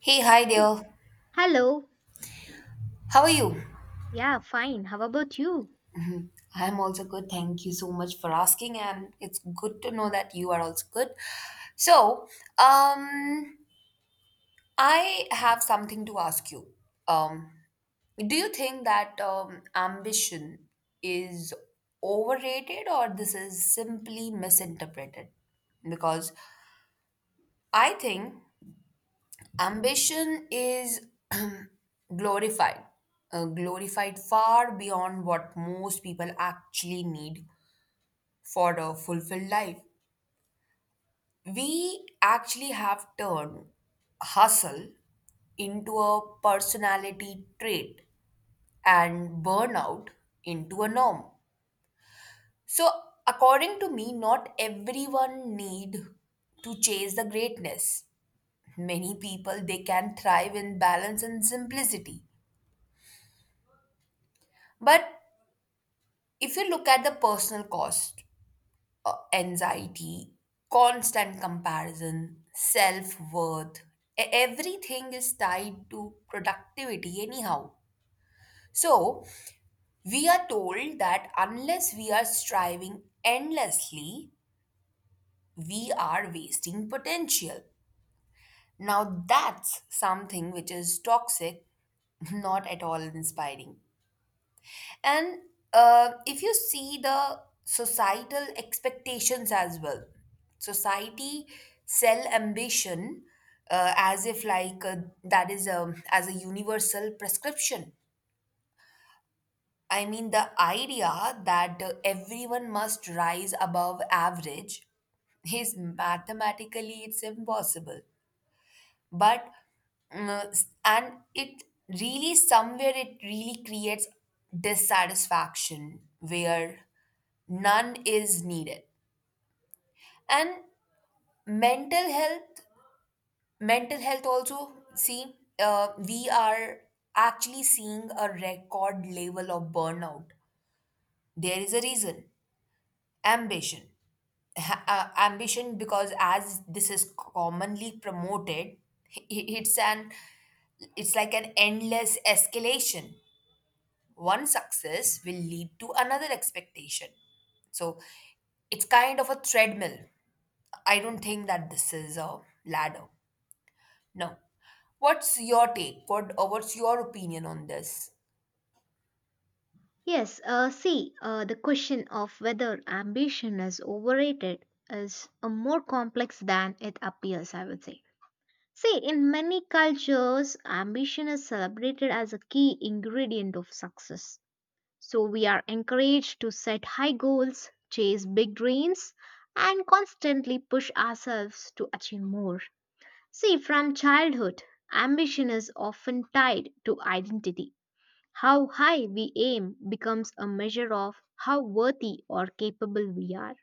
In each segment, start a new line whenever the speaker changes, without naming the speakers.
Hey, hi there.
Hello.
How are you?
Yeah, fine. How about you?
I'm also good. Thank you so much for asking, and it's good to know that you are also good. So, um, I have something to ask you. Um, do you think that ambition is overrated or this is simply misinterpreted? Because I think ambition is glorified glorified far beyond what most people actually need for a fulfilled life. We actually have turned hustle into a personality trait and burnout into a norm. So according to me, not everyone need to chase the greatness. Many people they can thrive in balance and simplicity. But if you look at the personal cost, anxiety, constant comparison, self worth, everything is tied to productivity, anyhow. So, we are told that unless we are striving endlessly, we are wasting potential. Now, that's something which is toxic, not at all inspiring. And if you see the societal expectations as well, society sell ambition as if like that is a, as a universal prescription. I mean the idea that everyone must rise above average is mathematically it's impossible, but and it really somewhere it really creates dissatisfaction where none is needed. And mental health mental health also see, we are actually seeing a record level of burnout. There is a reason ambition ambition because as this is commonly promoted, it's an, it's like an endless escalation. One success will lead to another expectation. So it's kind of a treadmill. I don't think that this is a ladder. No. What's your take? What or what's your opinion on this?
Yes, see, the question of whether ambition is overrated is more complex than it appears, I would say. See, in many cultures, ambition is celebrated as a key ingredient of success. So we are encouraged to set high goals, chase big dreams, and constantly push ourselves to achieve more. See, from childhood, ambition is often tied to identity. How high we aim becomes a measure of how worthy or capable we are.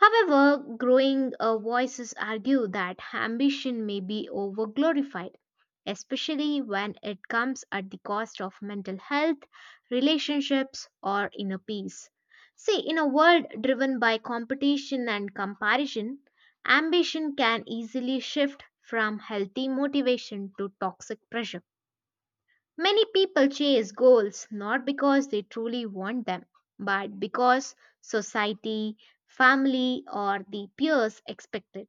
However, growing voices argue that ambition may be overglorified, especially when it comes at the cost of mental health, relationships, or inner peace. See, in a world driven by competition and comparison, ambition can easily shift from healthy motivation to toxic pressure. Many people chase goals not because they truly want them, but because society, family, or the peers expect it.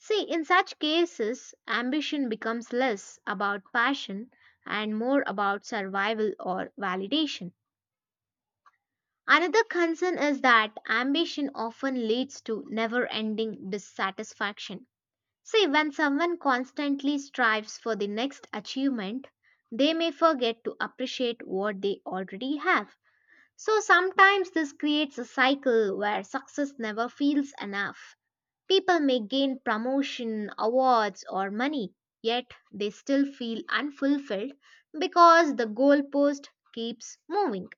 See, in such cases, ambition becomes less about passion and more about survival or validation. Another concern is that ambition often leads to never ending dissatisfaction. See, when someone constantly strives for the next achievement, they may forget to appreciate what they already have. So sometimes this creates a cycle where success never feels enough. People may gain promotion, awards, or money, yet they still feel unfulfilled because the goalpost keeps moving.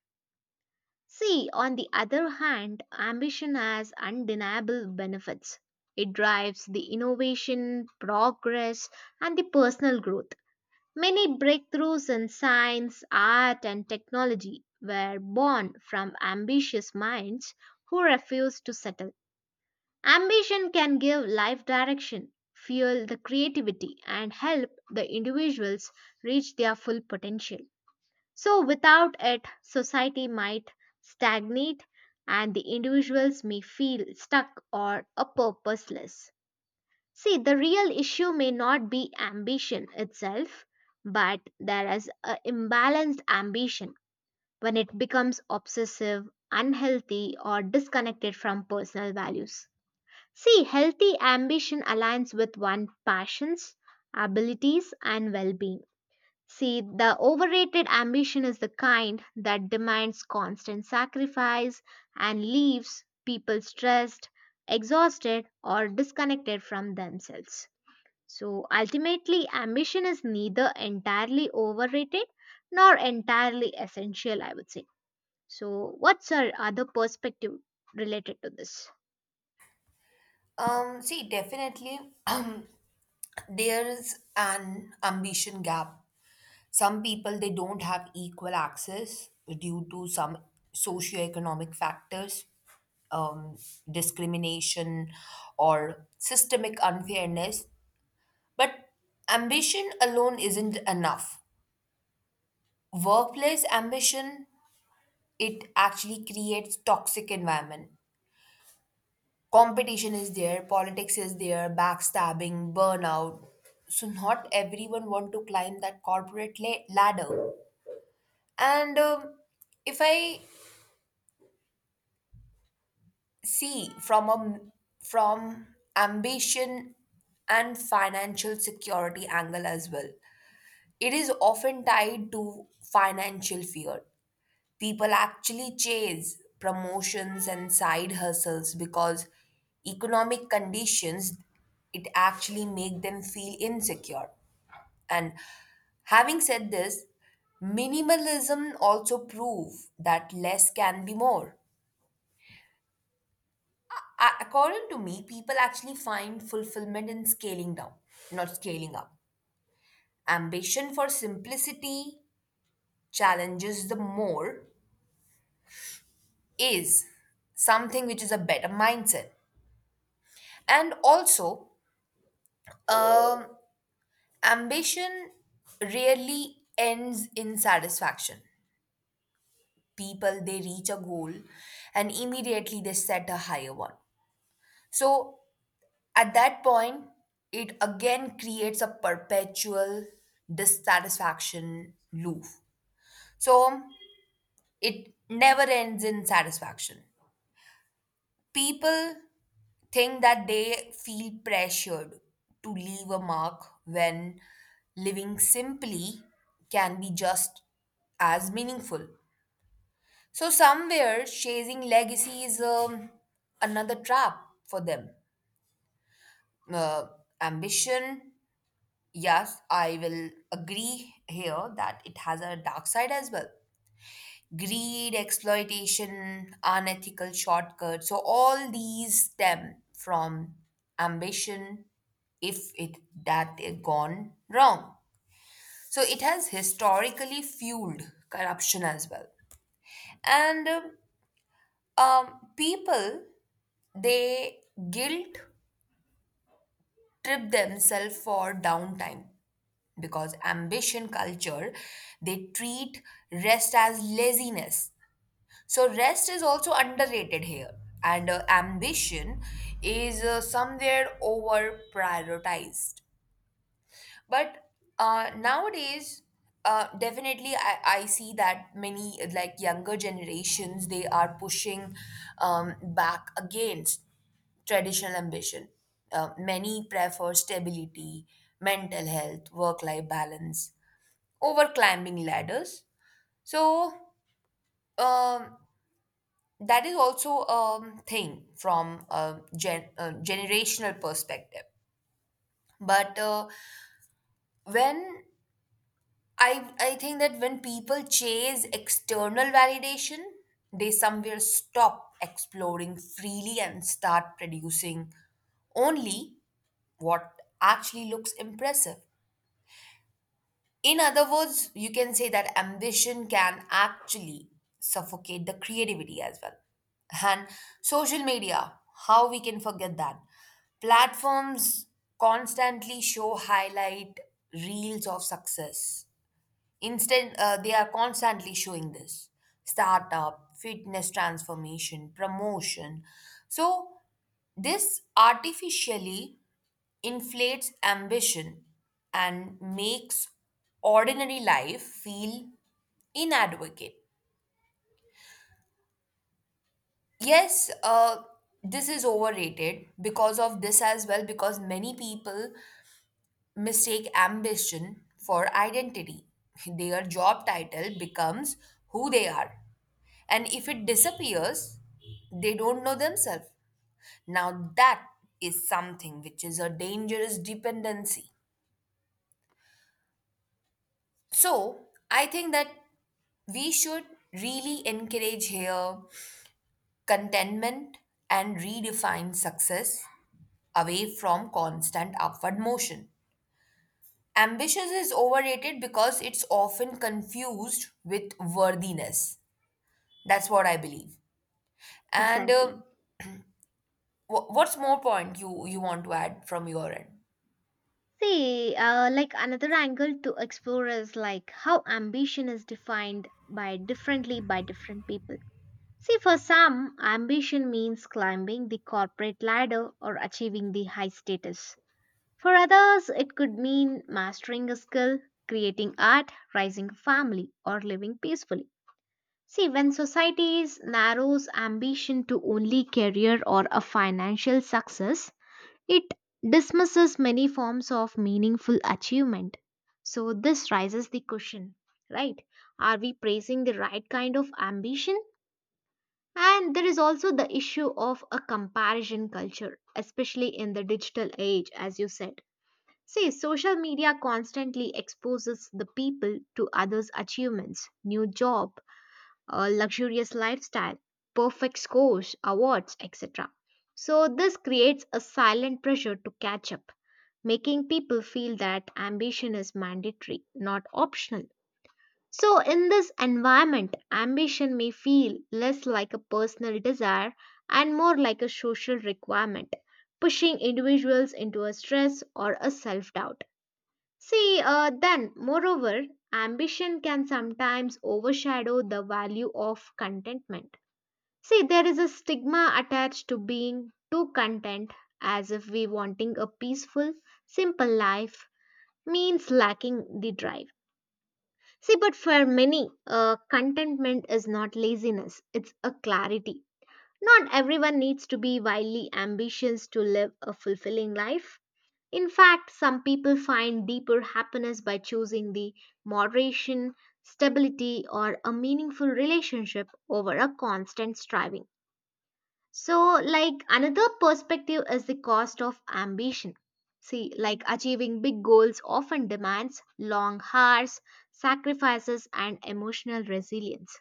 See, on the other hand, ambition has undeniable benefits. It drives the innovation, progress, and the personal growth. Many breakthroughs in science, art, and technology were born from ambitious minds who refused to settle. Ambition can give life direction, fuel the creativity, and help the individuals reach their full potential. So, without it, society might stagnate and the individuals may feel stuck or a purposeless. See, the real issue may not be ambition itself, but there is an imbalanced ambition when it becomes obsessive, unhealthy, or disconnected from personal values. See, healthy ambition aligns with one's passions, abilities, and well being. See, the overrated ambition is the kind that demands constant sacrifice and leaves people stressed, exhausted, or disconnected from themselves. So, ultimately, ambition is neither entirely overrated nor entirely essential, I would say. So, what's our other perspective related to this?
See, definitely, um, there is an ambition gap. Some people they don't have equal access due to some socioeconomic factors, um, discrimination, or systemic unfairness. But ambition alone isn't enough. Workplace ambition, it actually creates toxic environment. Competition is there, politics is there, backstabbing, burnout. So not everyone want to climb that corporate ladder. And if I see from a from ambition and financial security angle as well, it is often tied to financial fear. People actually chase promotions and side hustles because economic conditions it actually make them feel insecure. And having said this, minimalism also prove that less can be more. According to me, people actually find fulfillment in scaling down, not scaling up. Ambition for simplicity challenges the more is something which is a better mindset. And also, um, ambition rarely ends in satisfaction. People, they reach a goal and immediately they set a higher one. So at that point, it again creates a perpetual dissatisfaction loop. So it never ends in satisfaction. People think that they feel pressured to leave a mark when living simply can be just as meaningful. So, somewhere, chasing legacy is another trap for them. Uh, Ambition, yes, I will agree here that it has a dark side as well. Greed, exploitation, unethical shortcuts. So all these stem from ambition if it that they gone wrong. So it has historically fueled corruption as well. And people they guilt trip themselves for downtime because ambition culture they treat rest as laziness. So rest is also underrated here, and ambition is somewhere over prioritized. But nowadays, definitely, I see that many like younger generations they are pushing back against traditional ambition. Many prefer stability, mental health, work life balance over climbing ladders. So, um that is also a thing from a generational perspective. But when I think that when people chase external validation, they somewhere stop exploring freely and start producing only what actually looks impressive. In other words, you can say that ambition can actually suffocate the creativity as well. And social media, how we can forget that? Platforms constantly show highlight reels of success. Instant, they are constantly showing this startup, fitness transformation, promotion. So, this artificially inflates ambition and makes ordinary life feel inadequate. Yes, this is overrated because of this as well, because many people mistake ambition for identity. Their job title becomes who they are. And if it disappears, they don't know themselves. Now, that is something which is a dangerous dependency. So, I think that we should really encourage here contentment and redefine success away from constant upward motion. Ambitious is overrated because it's often confused with worthiness. That's what I believe. And uh,
Exactly.
wh- what's more point you want to add from your end?
See, like another angle to explore is like how ambition is defined by differently by different people. See, for some, ambition means climbing the corporate ladder or achieving the high status. For others, it could mean mastering a skill, creating art, raising a family, or living peacefully. See, when societies narrows ambition to only career or a financial success, it dismisses many forms of meaningful achievement. So, this raises the question, right? Are we praising the right kind of ambition? And there is also the issue of a comparison culture, especially in the digital age, as you said. See, social media constantly exposes the people to others' achievements, new job, a luxurious lifestyle, perfect scores, awards, etc. So, this creates a silent pressure to catch up, making people feel that ambition is mandatory, not optional. So, in this environment, ambition may feel less like a personal desire and more like a social requirement, pushing individuals into a stress or a self doubt. See, then, moreover, ambition can sometimes overshadow the value of contentment. See, there is a stigma attached to being too content, as if we wanting a peaceful, simple life means lacking the drive. See, but for many, contentment is not laziness, it's a clarity. Not everyone needs to be wildly ambitious to live a fulfilling life. In fact, some people find deeper happiness by choosing the moderation, stability, or a meaningful relationship over a constant striving. So, like another perspective is the cost of ambition. See, like achieving big goals often demands long hours, sacrifices, and emotional resilience.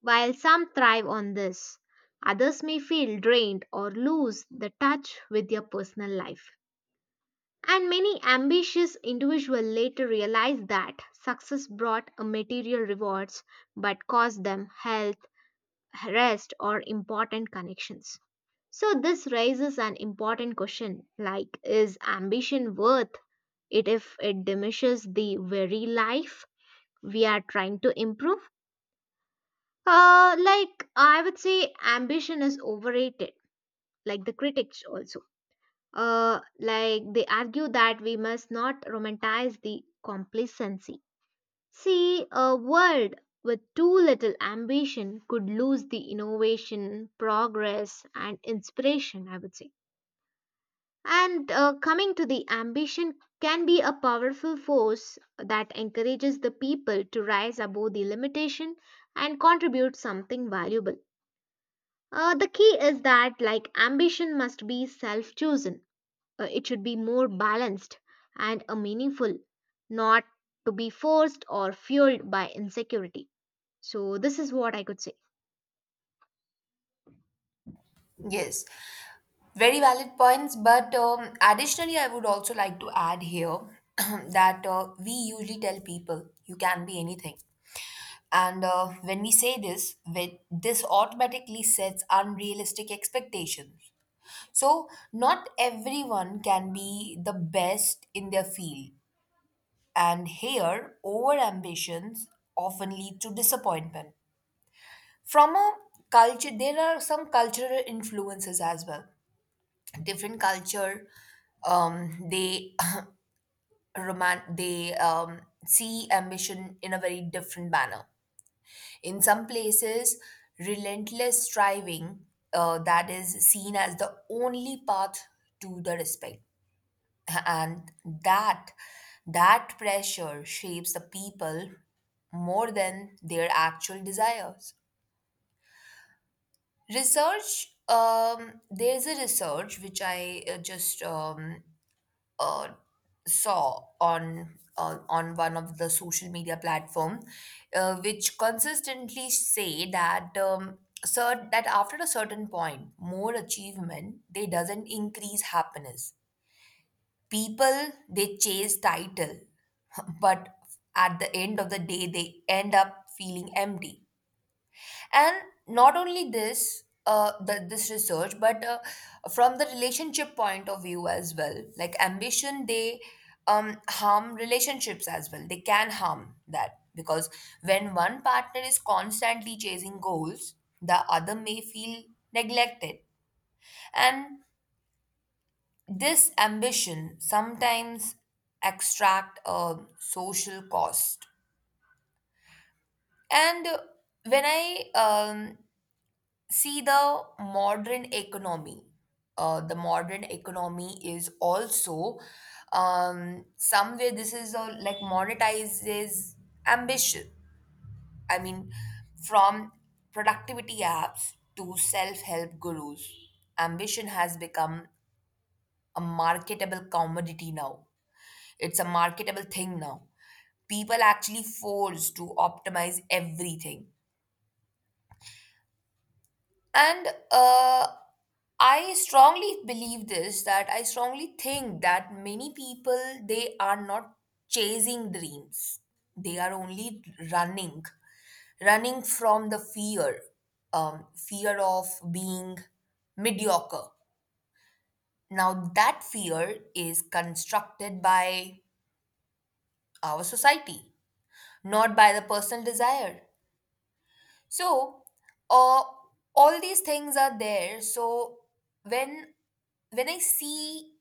While some thrive on this, others may feel drained or lose the touch with their personal life. And many ambitious individuals later realized that success brought a material rewards but cost them health, rest, or important connections. So, this raises an important question like, is ambition worth it if it diminishes the very life we are trying to improve? Like, I would say ambition is overrated, like the critics also. Like they argue that we must not romanticize the complacency. See, a world with too little ambition could lose the innovation, progress, and inspiration, I would say. And coming to the ambition can be a powerful force that encourages the people to rise above the limitation and contribute something valuable. The key is that like ambition must be self-chosen, it should be more balanced and meaningful, not to be forced or fueled by insecurity. So, this is what I could say.
Yes. Very valid points, but additionally, I would also like to add here that we usually tell people you can be anything. And when we say this, this automatically sets unrealistic expectations. So, not everyone can be the best in their field. And here, overambitions often lead to disappointment. From a culture, there are some cultural influences as well. Different culture, they roman they see ambition in a very different manner. In some places, relentless striving, that is seen as the only path to the respect, and that that pressure shapes the people more than their actual desires. Research There's a research which I just uh, saw on one of the social media platform, which consistently say that that after a certain point, more achievement they doesn't increase happiness. People they chase title, but at the end of the day they end up feeling empty. And not only this, this research, but from the relationship point of view as well. Like ambition, they harm relationships as well. They can harm that because when one partner is constantly chasing goals, the other may feel neglected. And this ambition sometimes extract a social cost. And when I um, see, the modern economy, the modern economy is also somewhere this is a, like monetizes ambition. I mean, from productivity apps to self help gurus, ambition has become a marketable commodity now. It's a marketable thing now. People actually force to optimize everything. And I strongly think that many people they are not chasing dreams, they are only running running from the fear, fear of being mediocre. Now that fear is constructed by our society, not by the personal desire. So uh, all these things are there. So when when I see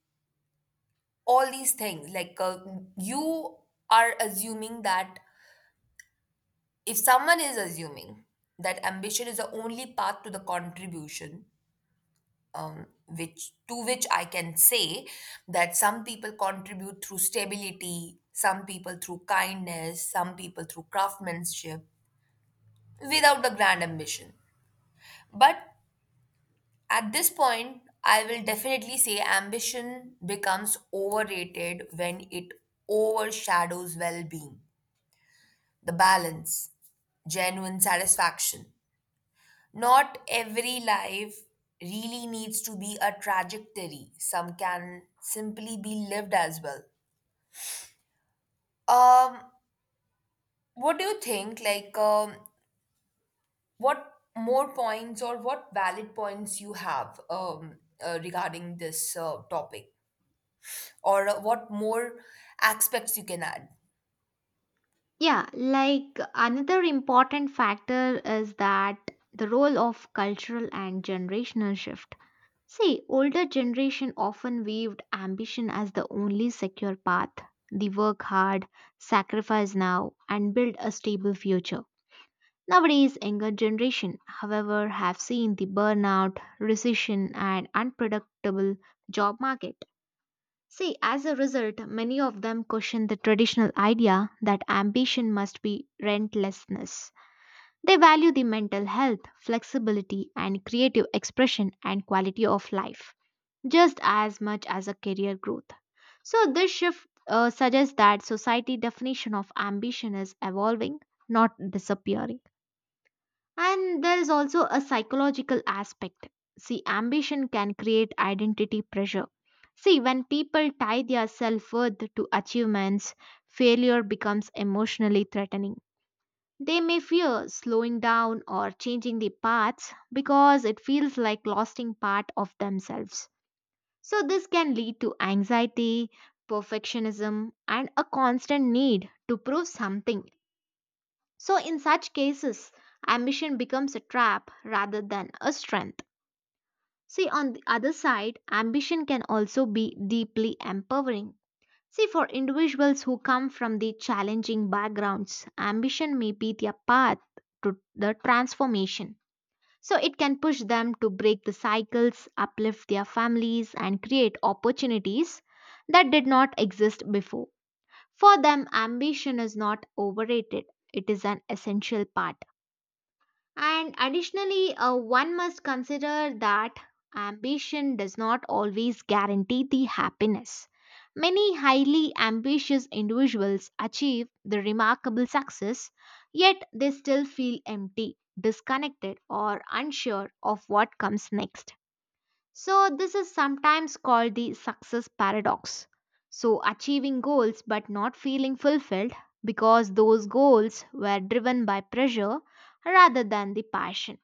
all these things, like you are assuming that if someone is assuming that ambition is the only path to the contribution, which to which I can say that some people contribute through stability, some people through kindness, some people through craftsmanship, without the grand ambition. But at this point, I will definitely say ambition becomes overrated when it overshadows well being, the balance, genuine satisfaction. Not every life really needs to be a trajectory, some can simply be lived as well. Um, what do you think? What more points or what valid points you have regarding this topic? Or what more aspects you can add?
Yeah, like another important factor is that the role of cultural and generational shift. See, older generation often viewed ambition as the only secure path. They work hard, sacrifice now, and build a stable future. Nowadays, younger generation, however, have seen the burnout, recession, and unpredictable job market. See, as a result, many of them question the traditional idea that ambition must be rentlessness. They value the mental health, flexibility, and creative expression and quality of life just as much as a career growth. So, this shift suggests that society definition of ambition is evolving, not disappearing. And there is also a psychological aspect. See, ambition can create identity pressure. See, when people tie their self worth to achievements, failure becomes emotionally threatening. They may fear slowing down or changing their paths because it feels like losing part of themselves. So, this can lead to anxiety, perfectionism, and a constant need to prove something. So, in such cases, ambition becomes a trap rather than a strength. See, on the other side, ambition can also be deeply empowering. See, for individuals who come from the challenging backgrounds, ambition may be their path to the transformation. So, it can push them to break the cycles, uplift their families, and create opportunities that did not exist before. For them, ambition is not overrated, it is an essential part. And additionally, one must consider that ambition does not always guarantee the happiness. Many highly ambitious individuals achieve the remarkable success, yet they still feel empty, disconnected, or unsure of what comes next. So, this is sometimes called the success paradox. So, achieving goals but not feeling fulfilled because those goals were driven by pressure rather than the passion.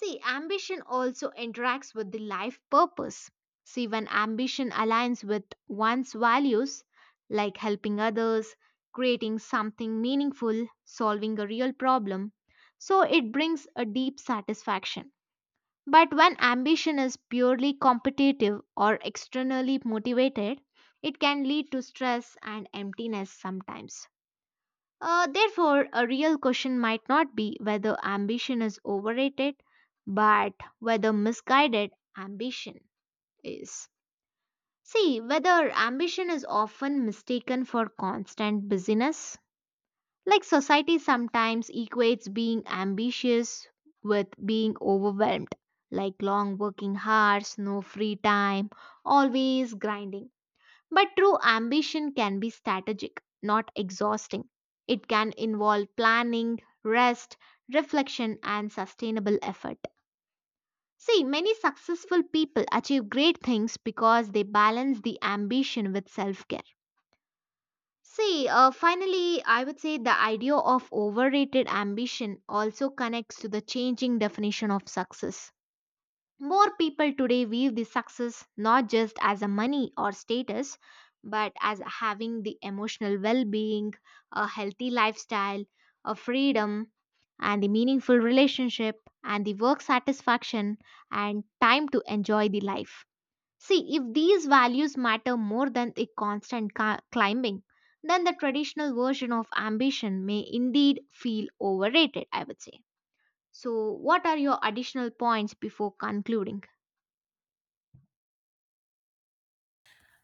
See, ambition also interacts with the life purpose. See, when ambition aligns with one's values, like helping others, creating something meaningful, solving a real problem, so it brings a deep satisfaction. But when ambition is purely competitive or externally motivated, it can lead to stress and emptiness sometimes. Therefore, a real question might not be whether ambition is overrated, but whether misguided ambition is. See, whether ambition is often mistaken for constant busyness, like society sometimes equates being ambitious with being overwhelmed, like long working hours, no free time, always grinding. But true ambition can be strategic, not exhausting. It can involve planning, rest, reflection, and sustainable effort. See, many successful people achieve great things because they balance the ambition with self care. See, finally, I would say the idea of overrated ambition also connects to the changing definition of success. More people today view the success not just as a money or status, but as having the emotional well being, a healthy lifestyle, a freedom, and the meaningful relationship, and the work satisfaction, and time to enjoy the life. See, if these values matter more than the constant climbing, then the traditional version of ambition may indeed feel overrated, I would say. So, what are your additional points before concluding?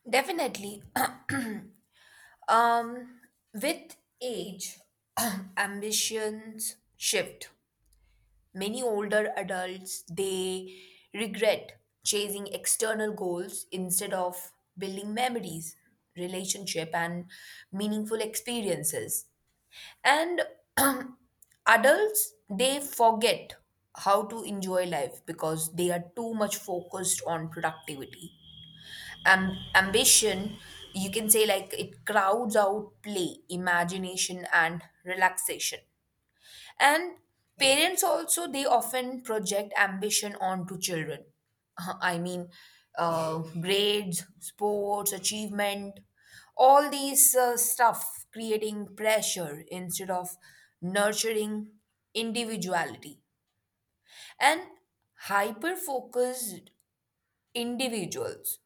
Definitely, um with age, ambitions shift. Many older adults they regret chasing external goals instead of building memories, relationship and meaningful experiences. And adults they forget how to enjoy life because they are too much focused on productivity. Ambition, you can say like it crowds out play, imagination, and relaxation. And parents also, they often project ambition onto children. I mean, grades, sports, achievement, all these stuff creating pressure instead of nurturing individuality. And hyper focus individuals,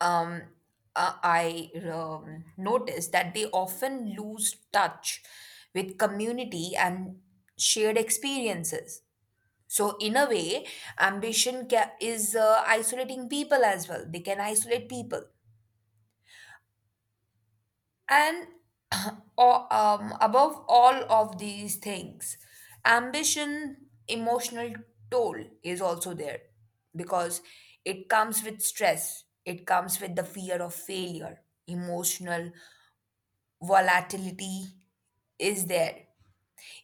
um, I noticed that they often lose touch with community and shared experiences. So, in a way, ambition is isolating people as well. They can isolate people. And above all of these things, ambition, emotional toll is also there because it comes with stress, it comes with the fear of failure, emotional volatility is there.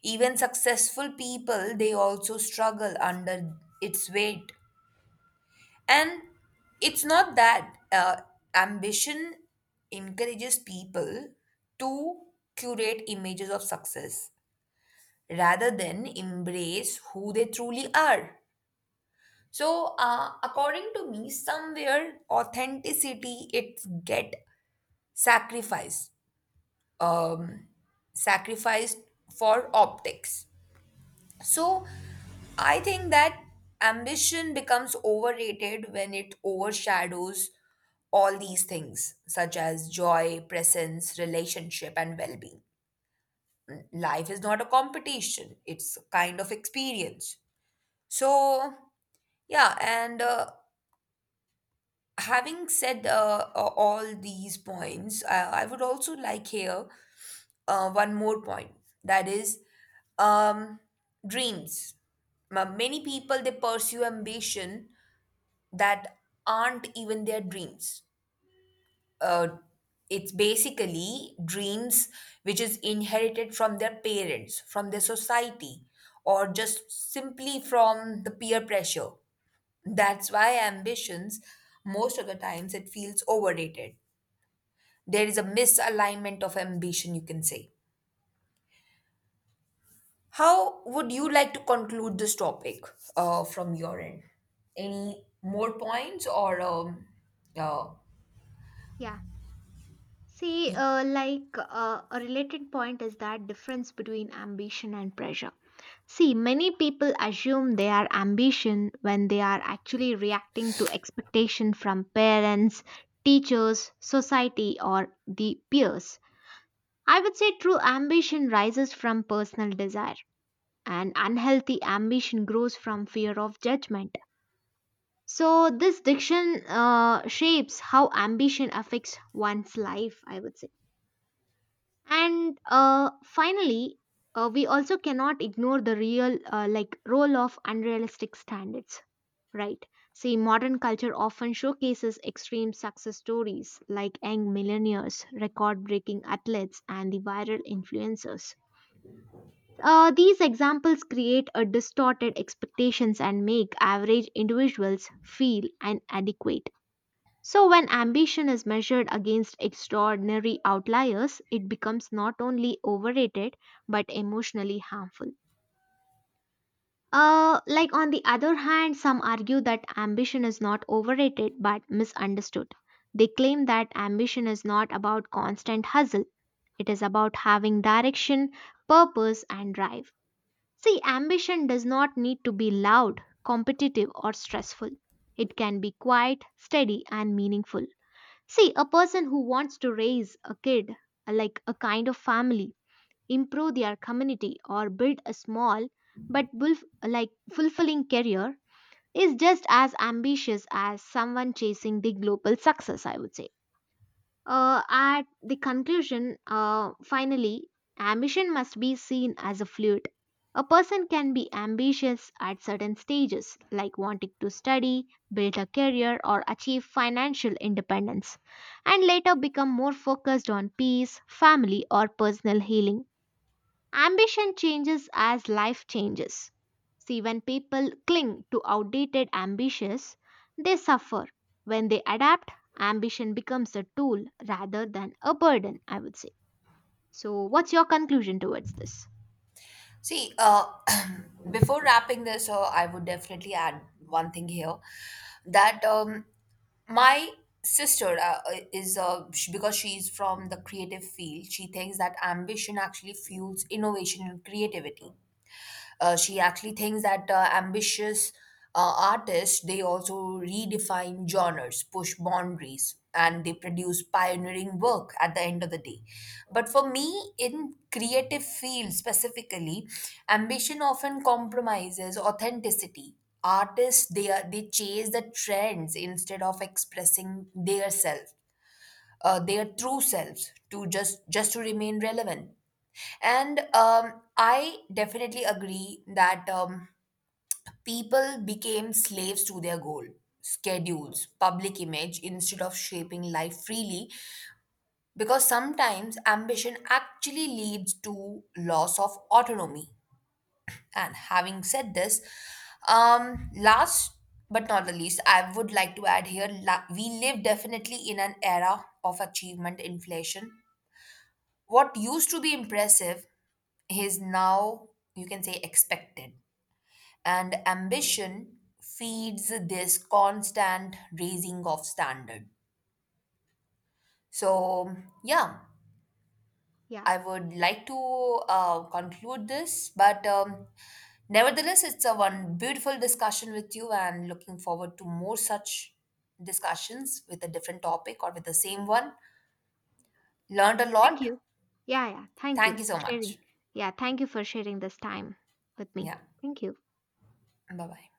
Even successful people, they also struggle under its weight. And it's not that ambition encourages people to curate images of success rather than embrace who they truly are. So, according to me, somewhere authenticity it get sacrificed, um, sacrificed for optics. So I think that ambition becomes overrated when it overshadows all these things, such as joy, presence, relationship, and well being. Life is not a competition, it's a kind of experience. So, yeah, and having said all these points, I would also like here one more point, that is um, dreams. Many people they pursue ambition that aren't even their dreams. Uh, it's basically dreams which is inherited from their parents, from their society, or just simply from the peer pressure. That's why ambitions, most of the times, it feels overrated. There is a misalignment of ambition, you can say. How would you like to conclude this topic from your end? Any more points or uh,
Yeah. See,
y-
like a related point is that difference between ambition and pressure. See, many people assume they are ambition when they are actually reacting to expectation from parents, teachers, society, or the peers. I would say true ambition rises from personal desire, and unhealthy ambition grows from fear of judgment. So, this diction shapes how ambition affects one's life, I would say. And finally, we also cannot ignore the real like role of unrealistic standards, right? See, modern culture often showcases extreme success stories like young millionaires, record breaking athletes, and the viral influencers. These examples create a distorted expectations and make average individuals feel inadequate. So when ambition is measured against extraordinary outliers, it becomes not only overrated but emotionally harmful. Like on the other hand, some argue that ambition is not overrated but misunderstood. They claim that ambition is not about constant hustle. It is about having direction, purpose, and drive. See, ambition does not need to be loud, competitive, or stressful. It can be quiet, steady, and meaningful. See, a person who wants to raise a kid, like a kind of family, improve their community, or build a small but like fulfilling career is just as ambitious as someone chasing the global success, I would say. At the conclusion, finally, ambition must be seen as a fluid. A person can be ambitious at certain stages, like wanting to study, build a career, or achieve financial independence, and later become more focused on peace, family, or personal healing. Ambition changes as life changes. See, when people cling to outdated ambitions, they suffer. When they adapt, ambition becomes a tool rather than a burden, I would say. So, what's your conclusion towards this?
see before wrapping this, I would definitely add one thing here that my sister is sh because she's from the creative field, she thinks that ambition actually fuels innovation and creativity. She actually thinks that ambitious artists they also redefine genres, push boundaries, and they produce pioneering work at the end of the day. But for me, in creative fields specifically, ambition often compromises authenticity. Artists they are they chase the trends instead of expressing their self, their true selves to just to remain relevant. And I definitely agree that people became slaves to their goal, schedules, public image, instead of shaping life freely, because sometimes ambition actually leads to loss of autonomy. And having said this, last but not the least, I would like to add here we live definitely in an era of achievement inflation. What used to be impressive his now, you can say, expected. And ambition feeds this constant raising of standard. So yeah,
Yeah,
I would like to conclude this. But nevertheless, it's a one beautiful discussion with you and looking forward to more such discussions with a different topic or with the same one. Learned a
thank
lot.
you. Yeah, yeah, thank
Thank
you
you
for
so
sharing.
much.
Yeah, thank you for sharing this time with me.
Yeah,
Thank you.
bye bye.